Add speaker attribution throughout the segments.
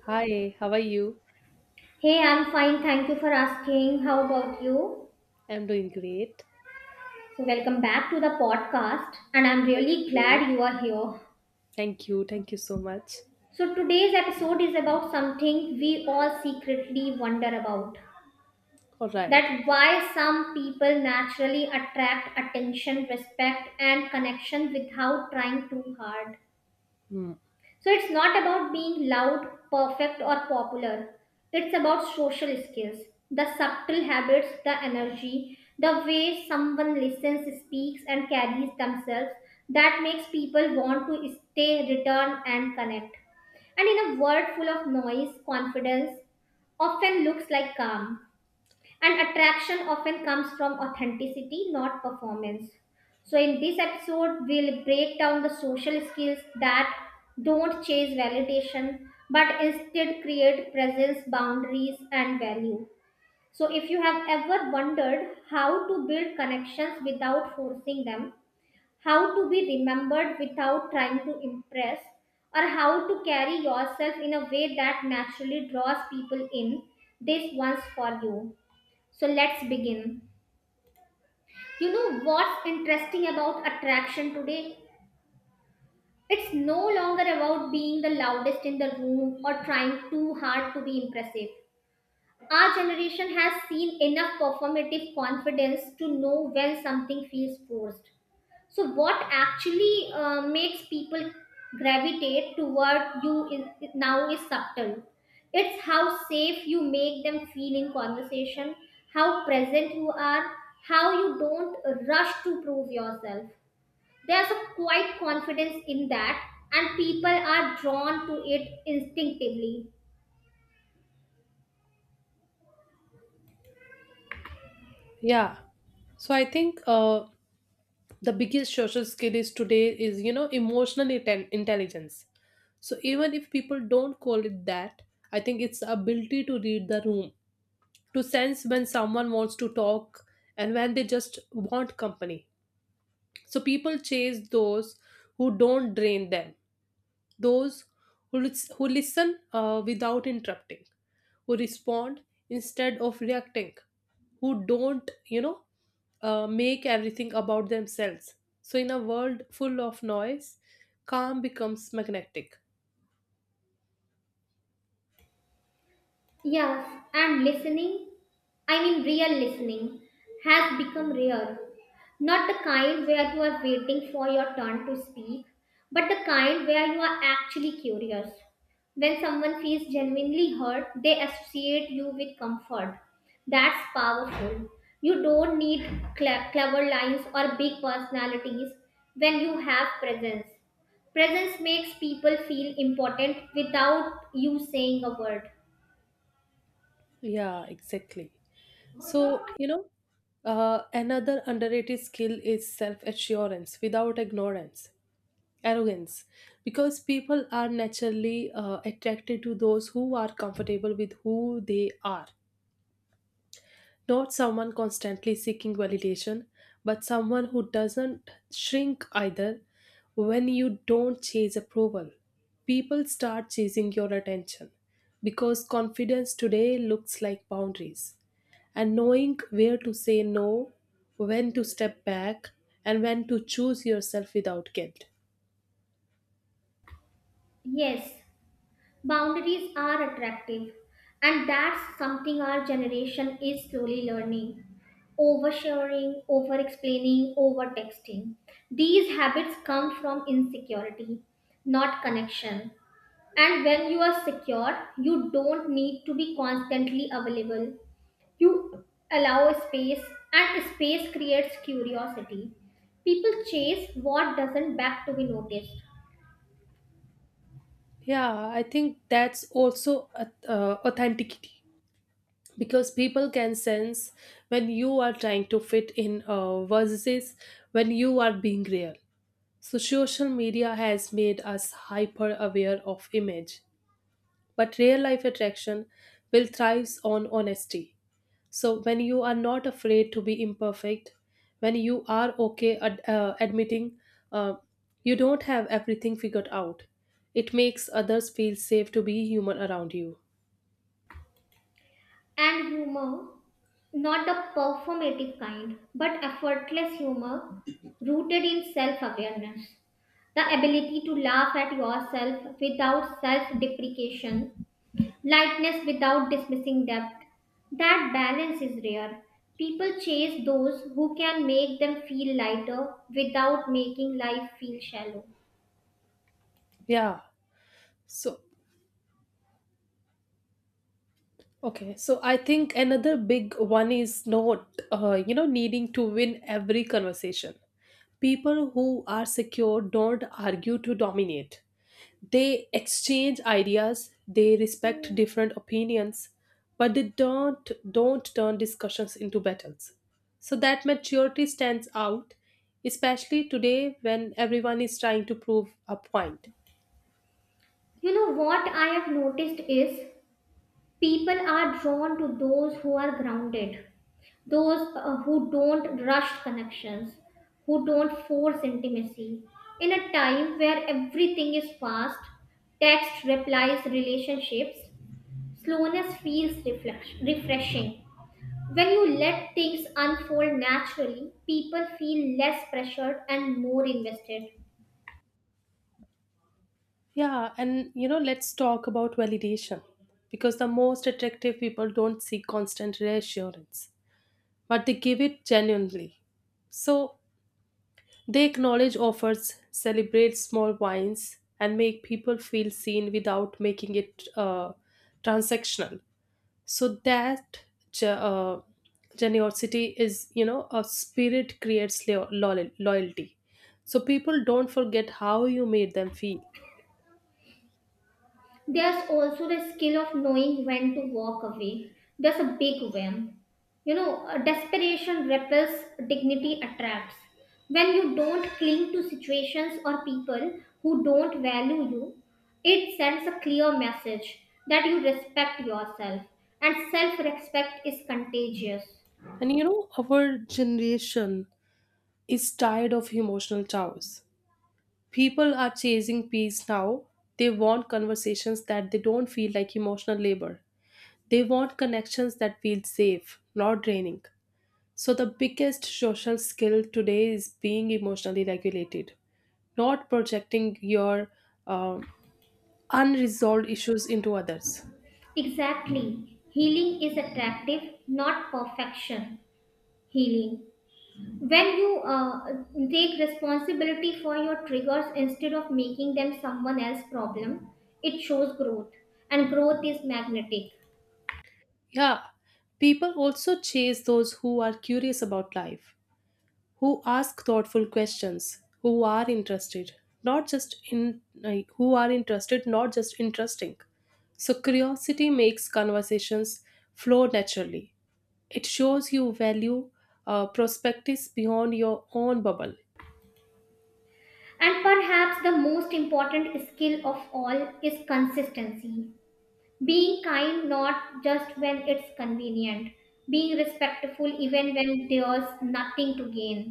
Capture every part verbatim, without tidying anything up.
Speaker 1: Hi, how are you?
Speaker 2: Hey, I'm fine. Thank you for asking. How about you?
Speaker 1: I'm doing great.
Speaker 2: So, welcome back to the podcast, and I'm really
Speaker 1: You?
Speaker 2: glad you are here.
Speaker 1: Thank you. Thank you so much.
Speaker 2: So, today's episode is about something we all secretly wonder about,
Speaker 1: All right.
Speaker 2: that why some people naturally attract attention, respect, and connection without trying too hard.
Speaker 1: Hmm.
Speaker 2: So it's not about being loud, perfect, or popular. It's about social skills, the subtle habits, the energy, the way someone listens, speaks, and carries themselves that makes people want to stay, return, and connect. And in a world full of noise, confidence often looks like calm. And attraction often comes from authenticity, not performance. So, in this episode, we'll break down the social skills that don't chase validation but instead create presence, boundaries, and value. So, if you have ever wondered how to build connections without forcing them, how to be remembered without trying to impress, or how to carry yourself in a way that naturally draws people in, this one's for you. So let's begin. You know what's interesting about attraction today? It's no longer about being the loudest in the room or trying too hard to be impressive. Our generation has seen enough performative confidence to know when something feels forced. So, what actually uh, makes people gravitate toward you is, now is subtle. It's how safe you make them feel in conversation, how present you are, how you don't rush to prove yourself. There's a quiet confidence in that, and people are drawn to it instinctively.
Speaker 1: Yeah. So I think uh, the biggest social skill is today is, you know, emotional inten- intelligence. So even if people don't call it that, I think it's the ability to read the room, to sense when someone wants to talk and when they just want company. So people chase those who don't drain them, those who, lis- who listen uh, without interrupting, who respond instead of reacting, who don't, you know, uh, make everything about themselves. So, in a world full of noise, calm becomes magnetic.
Speaker 2: Yes, and listening, I mean, real listening has become rare. Not the kind where you are waiting for your turn to speak, but the kind where you are actually curious. When someone feels genuinely hurt, they associate you with comfort. That's powerful. You don't need cle- clever lines or big personalities when you have presence. Presence makes people feel important without you saying a word.
Speaker 1: Yeah, exactly. So, you know, uh, another underrated skill is self assurance without ignorance. Arrogance. Because people are naturally uh, attracted to those who are comfortable with who they are, not someone constantly seeking validation, but someone who doesn't shrink either. When you don't chase approval, people start chasing your attention, because confidence today looks like boundaries, and knowing where to say no, when to step back, and when to choose yourself without guilt.
Speaker 2: Yes. Boundaries are attractive, and that's something our generation is slowly learning. Oversharing, over explaining, over texting. These habits come from insecurity, not connection. And when you are secure, you don't need to be constantly available. You allow a space, and space creates curiosity. People chase what doesn't back to be noticed.
Speaker 1: Yeah, I think that's also a- uh, authenticity, because people can sense when you are trying to fit in, uh, versus when you are being real. So social media has made us hyper aware of image, but real life attraction will thrive on honesty. So when you are not afraid to be imperfect, when you are okay ad- uh, admitting uh, you don't have everything figured out, it makes others feel safe to be human around you.
Speaker 2: And humor, not the performative kind, but effortless humor rooted in self awareness. The ability to laugh at yourself without self deprecation, lightness without dismissing depth. That balance is rare. People chase those who can make them feel lighter without making life feel shallow.
Speaker 1: Yeah. So okay. So I think another big one is not uh, you know needing to win every conversation. People who are secure don't argue to dominate. They exchange ideas, they respect different opinions, but they don't don't turn discussions into battles. So that maturity stands out, especially today when everyone is trying to prove a point.
Speaker 2: You know what I have noticed is people are drawn to those who are grounded, those uh, who don't rush connections, who don't force intimacy. In a time where everything is fast, text replies, relationships, slowness feels reflex- refreshing. When you let things unfold naturally, people feel less pressured and more invested.
Speaker 1: Yeah, and you know, let's talk about validation, because the most attractive people don't seek constant reassurance, but they give it genuinely. So they acknowledge offers, celebrate small wins, and make people feel seen without making it uh, transactional. So that ge- uh, generosity is, you know, a spirit, creates lo- loyal- loyalty. So people don't forget how you made them feel.
Speaker 2: There's also the skill of knowing when to walk away. There's a big whim. You know, uh, desperation repels, dignity attracts. When you don't cling to situations or people who don't value you, it sends a clear message that you respect yourself, and self respect is contagious.
Speaker 1: And you know, our generation is tired of emotional chows. People are chasing peace now. They want conversations that they don't feel like emotional labor. They want connections that feel safe, not draining. So, the biggest social skill today is being emotionally regulated, not projecting your um, unresolved issues into others.
Speaker 2: Exactly. Healing is attractive, not perfection. Healing. When you uh, take responsibility for your triggers instead of making them someone else's problem, it shows growth, and growth is magnetic.
Speaker 1: Yeah, people also chase those who are curious about life, who ask thoughtful questions, who are interested, not just in like, who are interested, not just interesting. So, curiosity makes conversations flow naturally. It shows you value uh, prospectus beyond your own bubble.
Speaker 2: And perhaps the most important skill of all is consistency, being kind not just when it's convenient, being respectful even when there's nothing to gain.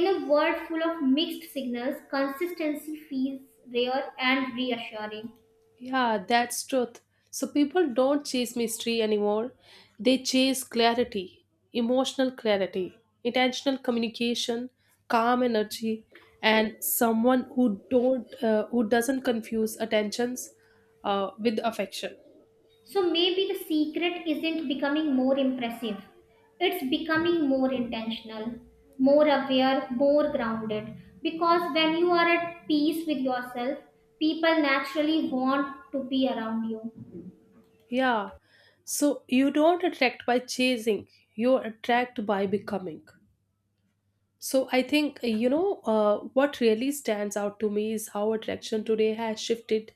Speaker 2: In a world full of mixed signals, consistency feels rare and reassuring.
Speaker 1: Yeah, that's truth. So people don't chase mystery anymore. They chase clarity, emotional clarity, intentional communication, calm energy, and someone who don't uh, who doesn't confuse attentions uh, with affection.
Speaker 2: So maybe the secret isn't becoming more impressive, it's becoming more intentional, more aware, more grounded. Because when you are at peace with yourself, people naturally want to be around you.
Speaker 1: Yeah. So you don't attract by chasing. You attract by becoming. So I think uh, you know uh, what really stands out to me is how attraction today has shifted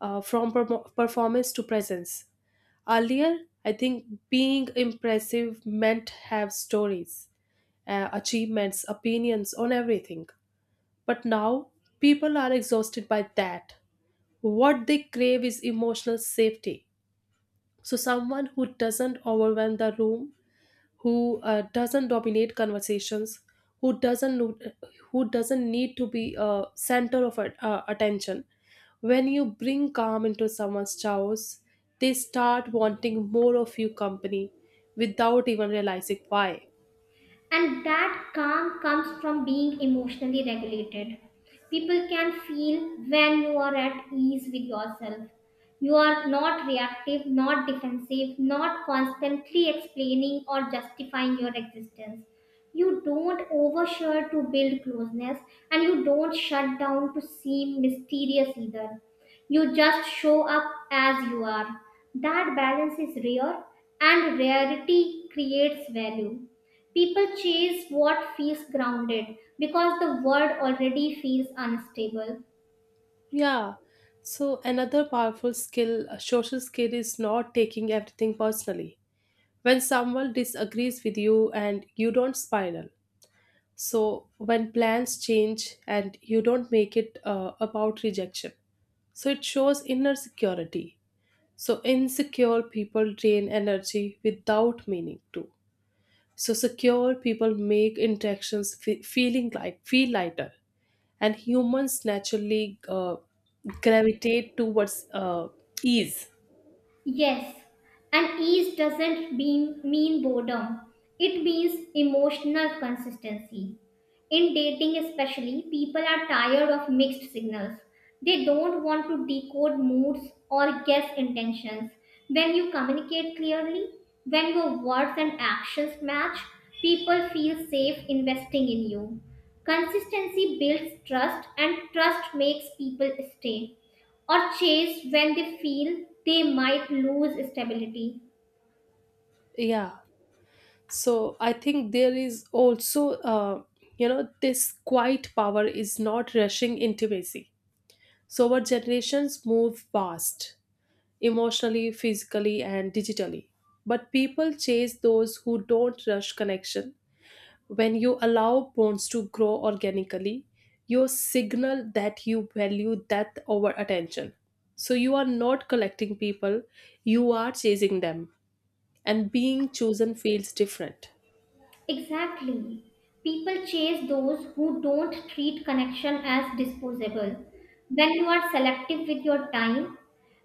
Speaker 1: uh, from permo performance to presence. Earlier, I think being impressive meant have stories, uh, achievements, opinions on everything. But now people are exhausted by that. What they crave is emotional safety. So someone who doesn't overwhelm the room, who uh, doesn't dominate conversations, who doesn't no- who doesn't need to be a center of at- uh, attention. When you bring calm into someone's chaos, they start wanting more of you company without even realizing why.
Speaker 2: And that calm comes from being emotionally regulated. People can feel when you are at ease with yourself. You are not reactive, not defensive, not constantly explaining or justifying your existence. You don't overshare to build closeness, and you don't shut down to seem mysterious either. You just show up as you are. That balance is rare, and rarity creates value. People chase what feels grounded because the world already feels unstable.
Speaker 1: Yeah. So another powerful skill, a social skill, is not taking everything personally. When someone disagrees with you and you don't spiral. So when plans change and you don't make it uh, about rejection, so it shows inner security. So insecure people drain energy without meaning to. So secure people make interactions fe- feeling light, feel lighter, and humans naturally uh, gravitate towards uh, ease.
Speaker 2: Yes, and ease doesn't mean, mean boredom. It means emotional consistency. In dating, especially, people are tired of mixed signals. They don't want to decode moods or guess intentions. When you communicate clearly, when your words and actions match, people feel safe investing in you. Consistency builds trust, and trust makes people stay or chase when they feel they might lose stability.
Speaker 1: Yeah. So I think there is also, uh, you know, this quiet power is not rushing intimacy. So our generations move fast, emotionally, physically, and digitally. But people chase those who don't rush connection. When you allow bonds to grow organically, you signal that you value that over attention. So you are not collecting people, you are chasing them. And being chosen feels different.
Speaker 2: Exactly. People chase those who don't treat connection as disposable. When you are selective with your time,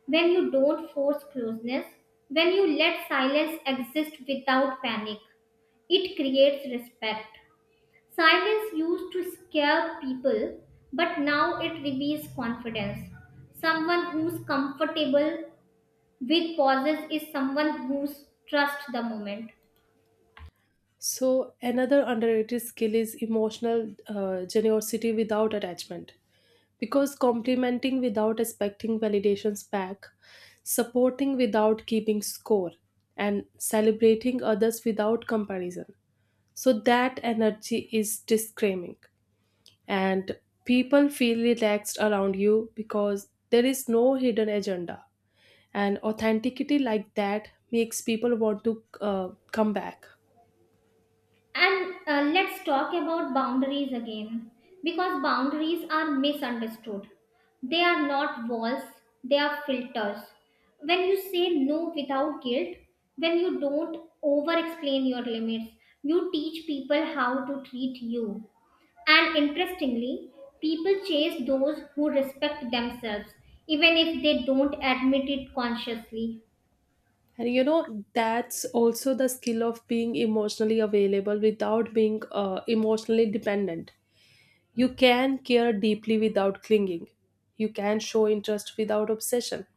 Speaker 2: when you don't force closeness, when you let silence exist without panic, it creates respect. Silence used to scare people, but now it reveals confidence. Someone who's comfortable with pauses is someone who's trust the moment.
Speaker 1: So another underrated skill is emotional uh, generosity without attachment, because complimenting without expecting validations back, supporting without keeping score, and celebrating others without comparison. So that energy is disclaiming. And people feel relaxed around you, because there is no hidden agenda. And authenticity like that makes people want to uh, come back.
Speaker 2: And uh, let's talk about boundaries again, because boundaries are misunderstood. They are not walls, they are filters. When you say no without guilt, when you don't over explain your limits, you teach people how to treat you. And interestingly, people chase those who respect themselves, even if they don't admit it consciously.
Speaker 1: And you know, that's also the skill of being emotionally available without being uh, emotionally dependent. You can care deeply without clinging. You can show interest without obsession.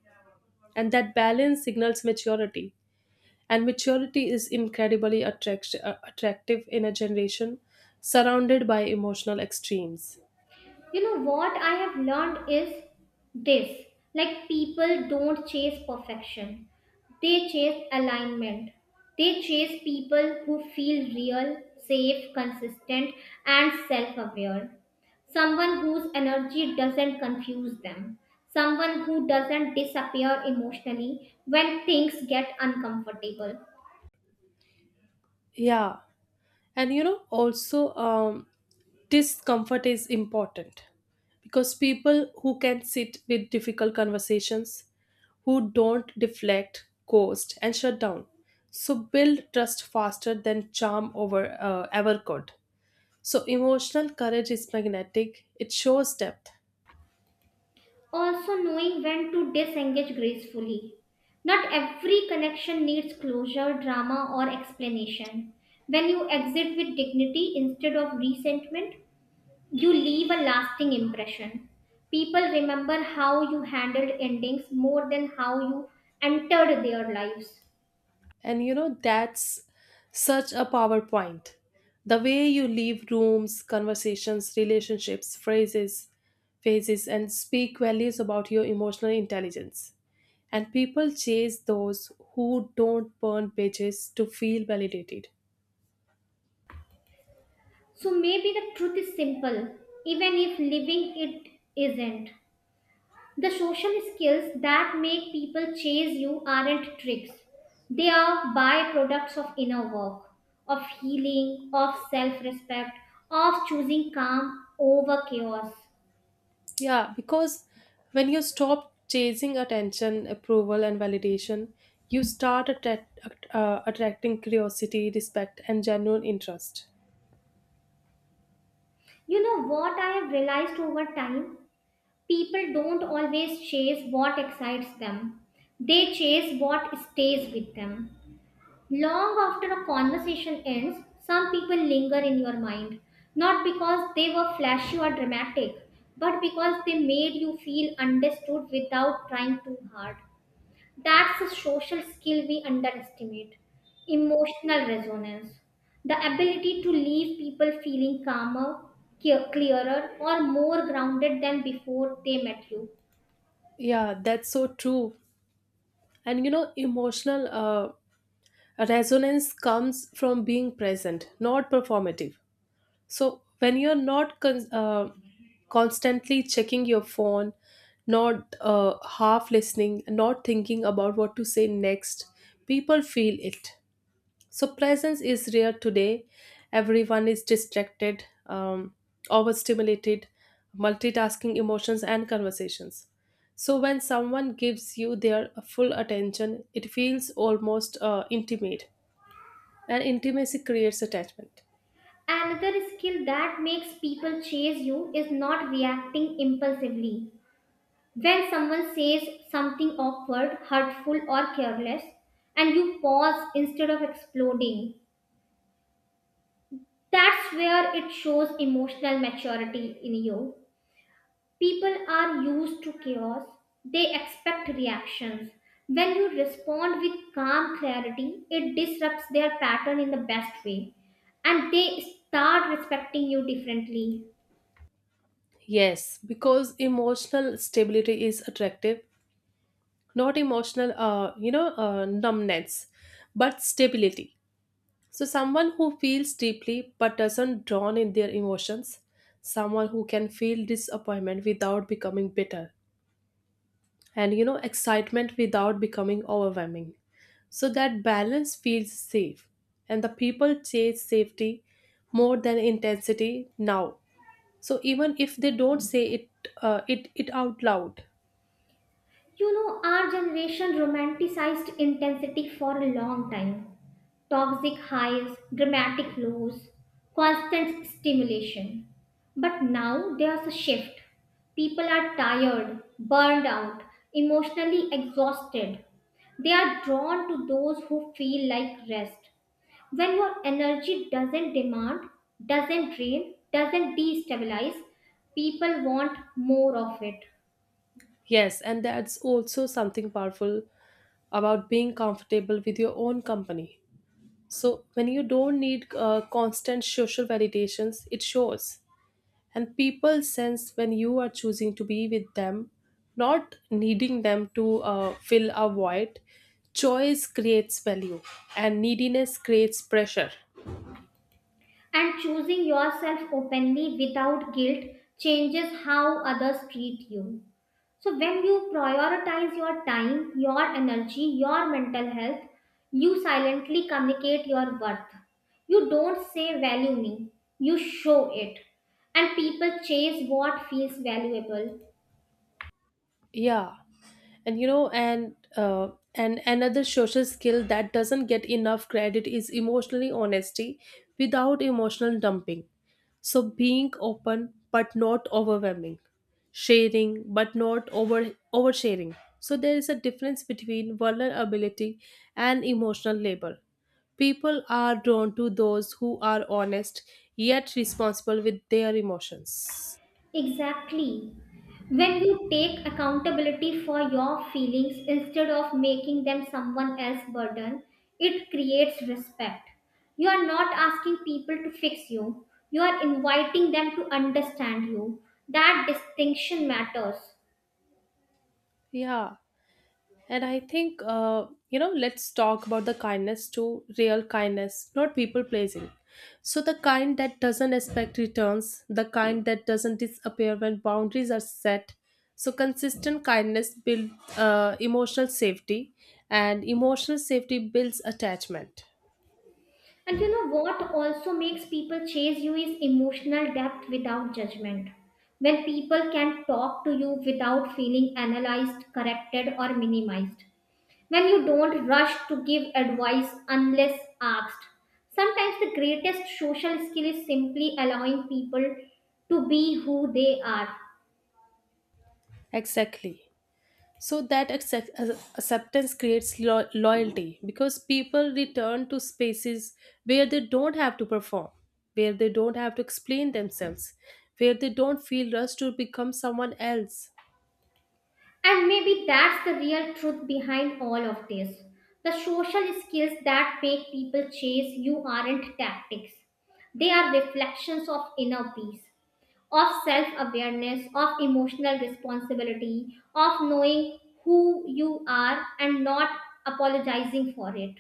Speaker 1: And that balance signals maturity. And maturity is incredibly attract- uh, attractive in a generation surrounded by emotional extremes.
Speaker 2: You know what I have learned is this, like, people don't chase perfection, they chase alignment. They chase people who feel real, safe, consistent, and self-aware. Someone whose energy doesn't confuse them, someone who doesn't disappear emotionally when things get uncomfortable.
Speaker 1: Yeah. And you know, also, um, discomfort is important, because people who can sit with difficult conversations, who don't deflect, ghost, and shut down, so build trust faster than charm over uh, ever could. So emotional courage is magnetic; it shows depth,
Speaker 2: Also, knowing when to disengage gracefully. Not every connection needs closure, drama, or explanation. When you exit with dignity instead of resentment, you leave a lasting impression. People remember how you handled endings more than how you entered their lives.
Speaker 1: and you know that's such a power point. The way you leave rooms, conversations, relationships, phrases, phases, and speak values about your emotional intelligence. And people chase those who don't burn bridges to feel validated.
Speaker 2: So maybe the truth is simple, even if living it isn't. The social skills that make people chase you aren't tricks. They are byproducts of inner work, of healing, of self respect, of choosing calm over chaos.
Speaker 1: Yeah, because when you stop chasing attention, approval, and validation, you start attract, uh, attracting curiosity, respect, and genuine interest.
Speaker 2: You know what I have realized over time? People don't always chase what excites them, they chase what stays with them. Long after a conversation ends, some people linger in your mind, not because they were flashy or dramatic, but because they made you feel understood without trying too hard. That's a social skill we underestimate, emotional resonance. The ability to leave people feeling calmer, clear- clearer, or more grounded than before they met you.
Speaker 1: Yeah, that's so true. And you know, emotional uh, resonance comes from being present, not performative. So when you're not con- uh, constantly checking your phone, not uh, half listening, not thinking about what to say next, people feel it. So presence is rare today. Everyone is distracted, um, overstimulated, multitasking emotions and conversations. So when someone gives you their full attention, it feels almost uh, intimate, and intimacy creates attachment.
Speaker 2: Another skill that makes people chase you is not reacting impulsively. When someone says something awkward, hurtful, or careless, and you pause instead of exploding, that's where it shows emotional maturity in you. People are used to chaos, they expect reactions. When you respond with calm clarity, it disrupts their pattern in the best way, and they start respecting you differently.
Speaker 1: Yes, because emotional stability is attractive, not emotional, uh, you know, uh, numbness, but stability. So, someone who feels deeply but doesn't drown in their emotions, someone who can feel disappointment without becoming bitter, and you know, excitement without becoming overwhelming. So, that balance feels safe, and the people chase safety more than intensity now. So, even if they don't say it, uh, it, it out loud.
Speaker 2: You know, our generation romanticized intensity for a long time. Toxic highs, dramatic lows, constant stimulation. But now there's a shift. People are tired, burned out, emotionally exhausted. They are drawn to those who feel like rest. When your energy doesn't demand, doesn't drain, doesn't destabilize, people want more of it.
Speaker 1: Yes, and that's also something powerful about being comfortable with your own company. So, when you don't need uh, constant social validations, it shows. And people sense when you are choosing to be with them, not needing them to uh, fill a void. Choice creates value, and neediness creates pressure.
Speaker 2: And choosing yourself openly without guilt changes how others treat you. So, when you prioritize your time, your energy, your mental health, you silently communicate your worth. You don't say value me, you show it. And people chase what feels valuable.
Speaker 1: Yeah. and you know and uh, and another social skill that doesn't get enough credit is emotionally honesty without emotional dumping. So being open but not overwhelming, sharing but not over oversharing. So there is a difference between vulnerability and emotional labor. People are drawn to those who are honest yet responsible with their emotions.
Speaker 2: Exactly. When you take accountability for your feelings instead of making them someone else's burden, it creates respect. You are not asking people to fix you, you are inviting them to understand you. That distinction matters.
Speaker 1: Yeah. And I think, uh, you know, let's talk about the kindness, to real kindness, not people pleasing. So, the kind that doesn't expect returns, the kind that doesn't disappear when boundaries are set. So, consistent kindness builds uh, emotional safety, and emotional safety builds attachment.
Speaker 2: And you know what also makes people chase you is emotional depth without judgment. When people can talk to you without feeling analyzed, corrected, or minimized. When you don't rush to give advice unless asked. Sometimes the greatest social skill is simply allowing people to be who they are.
Speaker 1: Exactly. So that accept- ac- acceptance creates lo- loyalty, because people return to spaces where they don't have to perform, where they don't have to explain themselves, where they don't feel rushed to become someone else.
Speaker 2: And maybe that's the real truth behind all of this. The social skills that make people chase you aren't tactics, they are reflections of inner peace, of self awareness, of emotional responsibility, of knowing who you are and not apologizing for it.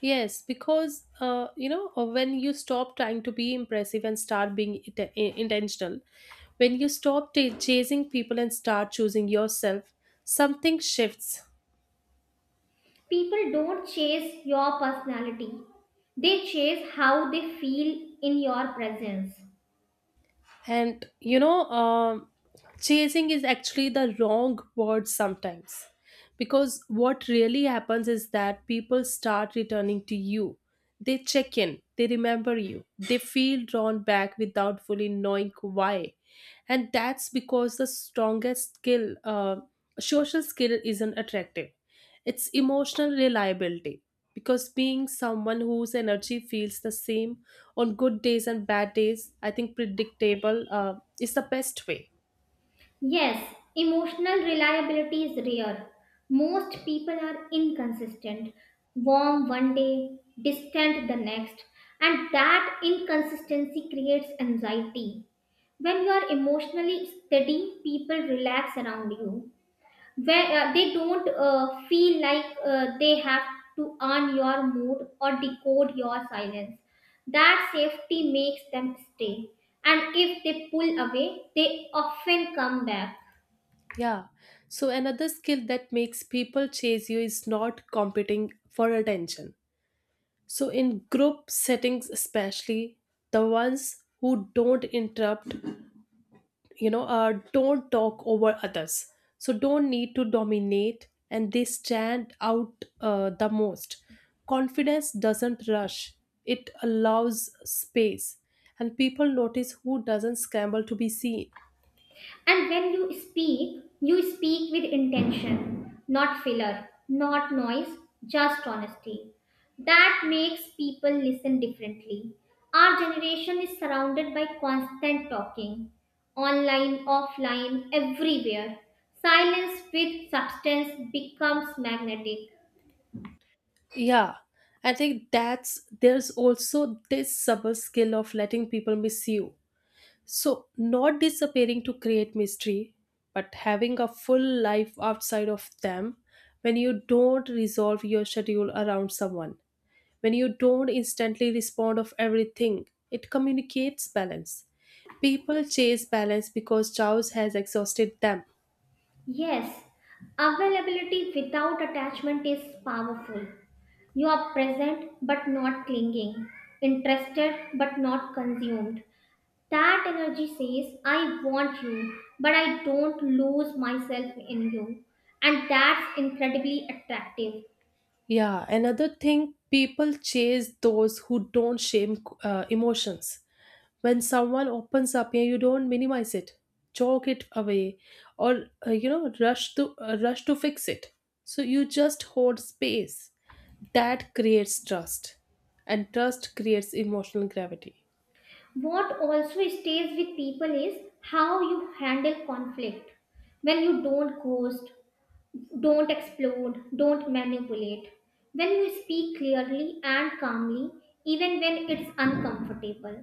Speaker 1: Yes, because uh, you know uh, when you stop trying to be impressive and start being it- i- intentional, when you stop ta chasing people and start choosing yourself, something shifts.
Speaker 2: People don't chase your personality, they chase how they feel in your presence.
Speaker 1: And you know, um, chasing is actually the wrong word sometimes. Because what really happens is that people start returning to you. They check in, they remember you, they feel drawn back without fully knowing why. And that's because the strongest skill, uh, social skill isn't attractive. It's emotional reliability. Because being someone whose energy feels the same on good days and bad days, I think, predictable uh, is the best way.
Speaker 2: Yes, emotional reliability is rare. Most people are inconsistent, warm one day, distant the next, and that inconsistency creates anxiety. When you are emotionally steady, people relax around you. Where uh, they don't uh, feel like uh, they have to earn your mood or decode your silence. That safety makes them stay. And if they pull away, they often come back.
Speaker 1: Yeah. So another skill that makes people chase you is not competing for attention. So in group settings especially, the ones who don't interrupt, you know uh, don't talk over others, so don't need to dominate, and they stand out uh, the most. Confidence doesn't rush, it allows space, and people notice who doesn't scramble to be seen.
Speaker 2: And when you speak, you speak with intention, not filler, not noise, just honesty. That makes people listen differently. Our generation is surrounded by constant talking, online, offline, everywhere. Silence with substance becomes magnetic.
Speaker 1: Yeah. I think that's there's also this subtle skill of letting people miss you. So, not disappearing to create mystery, but having a full life outside of them. When you don't resolve your schedule around someone, when you don't instantly respond of everything, it communicates balance. People chase balance because chaos has exhausted them.
Speaker 2: Yes, availability without attachment is powerful. You are present but not clinging, interested but not consumed. That energy says, I want you, but I don't lose myself in you. And that's incredibly attractive.
Speaker 1: Yeah, another thing, people chase those who don't shame uh, emotions. When someone opens up, yeah, you don't minimize it, choke it away, or uh, you know rush to uh, rush to fix it. So you just hold space, that creates trust, and trust creates emotional gravity.
Speaker 2: What also stays with people is how you handle conflict. When you don't ghost, don't explode, don't manipulate. When you speak clearly and calmly, even when it's uncomfortable,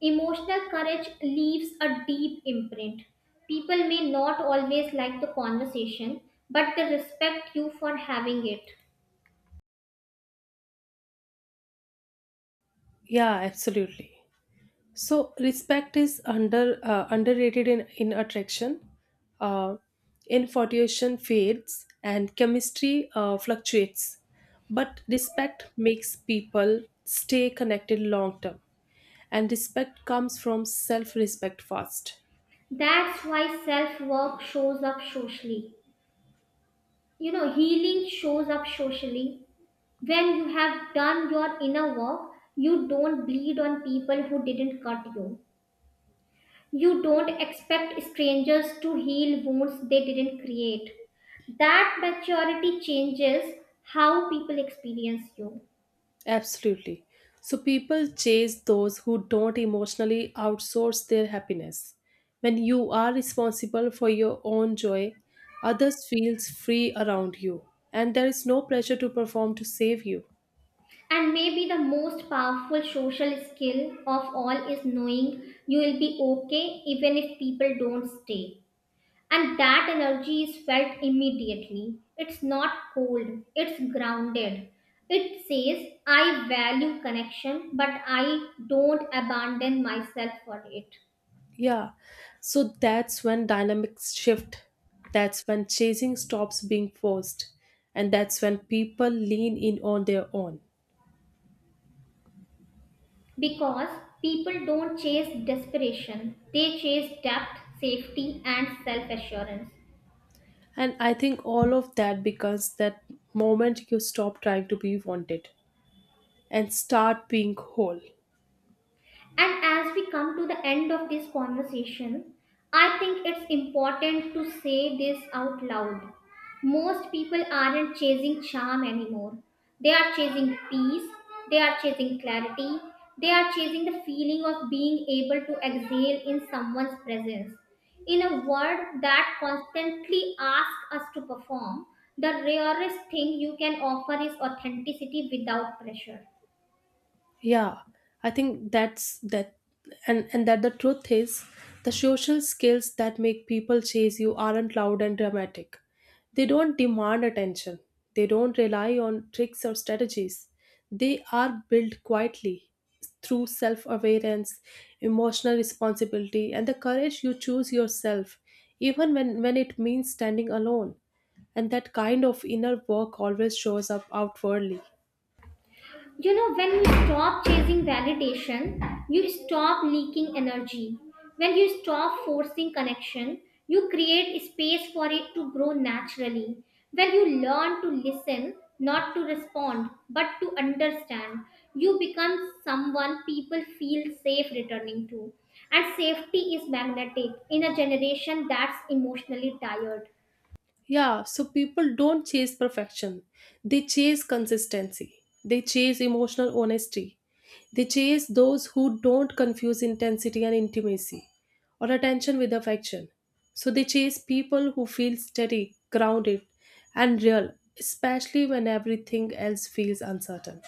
Speaker 2: emotional courage leaves a deep imprint. People may not always like the conversation, but they respect you for having it.
Speaker 1: Yeah, absolutely. So respect is under uh, underrated in in attraction. uh, Infatuation fades, and chemistry uh, fluctuates, but respect makes people stay connected long term, and respect comes from self respect first.
Speaker 2: That's why self work shows up socially. You know, healing shows up socially. When you have done your inner work, you don't bleed on people who didn't cut you. You don't expect strangers to heal wounds they didn't create. That maturity changes how people experience you.
Speaker 1: Absolutely. So people chase those who don't emotionally outsource their happiness. When you are responsible for your own joy, others feels free around you, and there is no pressure to perform to save you.
Speaker 2: And maybe the most powerful social skill of all is knowing you will be okay even if people don't stay. And that energy is felt immediately. It's not cold, it's grounded. It says, I value connection, but I don't abandon myself for it.
Speaker 1: Yeah. So that's when dynamics shift, that's when chasing stops being forced, and that's when people lean in on their own.
Speaker 2: Because people don't chase desperation, they chase depth, safety, and self assurance.
Speaker 1: And I think all of that becomes that moment you stop trying to be wanted and start being whole.
Speaker 2: And as we come to the end of this conversation, I think it's important to say this out loud. Most people aren't chasing charm anymore. They are chasing peace, they are chasing clarity, they are chasing the feeling of being able to exhale in someone's presence. In a world that constantly asks us to perform, the rarest thing you can offer is authenticity without pressure.
Speaker 1: Yeah, I think that's that. And and that the truth is, the social skills that make people chase you aren't loud and dramatic, they don't demand attention, they don't rely on tricks or strategies, they are built quietly through self-awareness, emotional responsibility, and the courage you choose yourself, even when when it means standing alone. And that kind of inner work always shows up outwardly.
Speaker 2: You know, when you stop chasing validation, you stop leaking energy. When you stop forcing connection, you create space for it to grow naturally. When you learn to listen, not to respond, but to understand, you become someone people feel safe returning to. And safety is magnetic in a generation that's emotionally tired.
Speaker 1: Yeah, so people don't chase perfection. They chase consistency. They chase emotional honesty. They chase those who don't confuse intensity and intimacy or attention with affection. So they chase people who feel steady, grounded, and real, especially when everything else feels uncertain.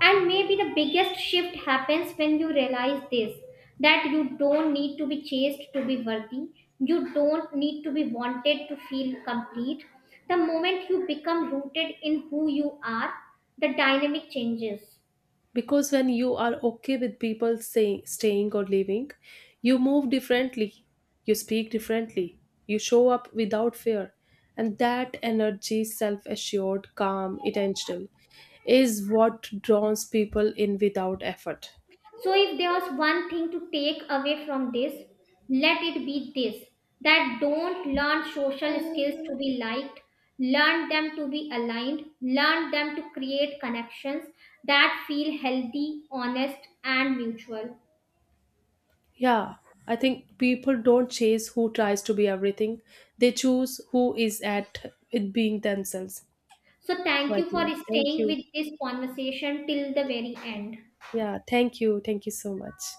Speaker 2: And maybe the biggest shift happens when you realize this, that you don't need to be chased to be worthy, you don't need to be wanted to feel complete. The moment you become rooted in who you are, the dynamic changes.
Speaker 1: Because when you are okay with people say, staying or leaving, you move differently, you speak differently, you show up without fear. And that energy, self-assured, calm, intentional, is what draws people in without effort.
Speaker 2: So, if there's one thing to take away from this, let it be this, that don't learn social skills to be liked, learn them to be aligned, learn them to create connections that feel healthy, honest, and mutual.
Speaker 1: Yeah, I think people don't chase who tries to be everything, they choose who is at with being themselves.
Speaker 2: So,
Speaker 1: So
Speaker 2: thank
Speaker 1: I
Speaker 2: you for
Speaker 1: think thank
Speaker 2: staying
Speaker 1: you.
Speaker 2: with this conversation till the very end.
Speaker 1: Yeah, thank you, thank you so much.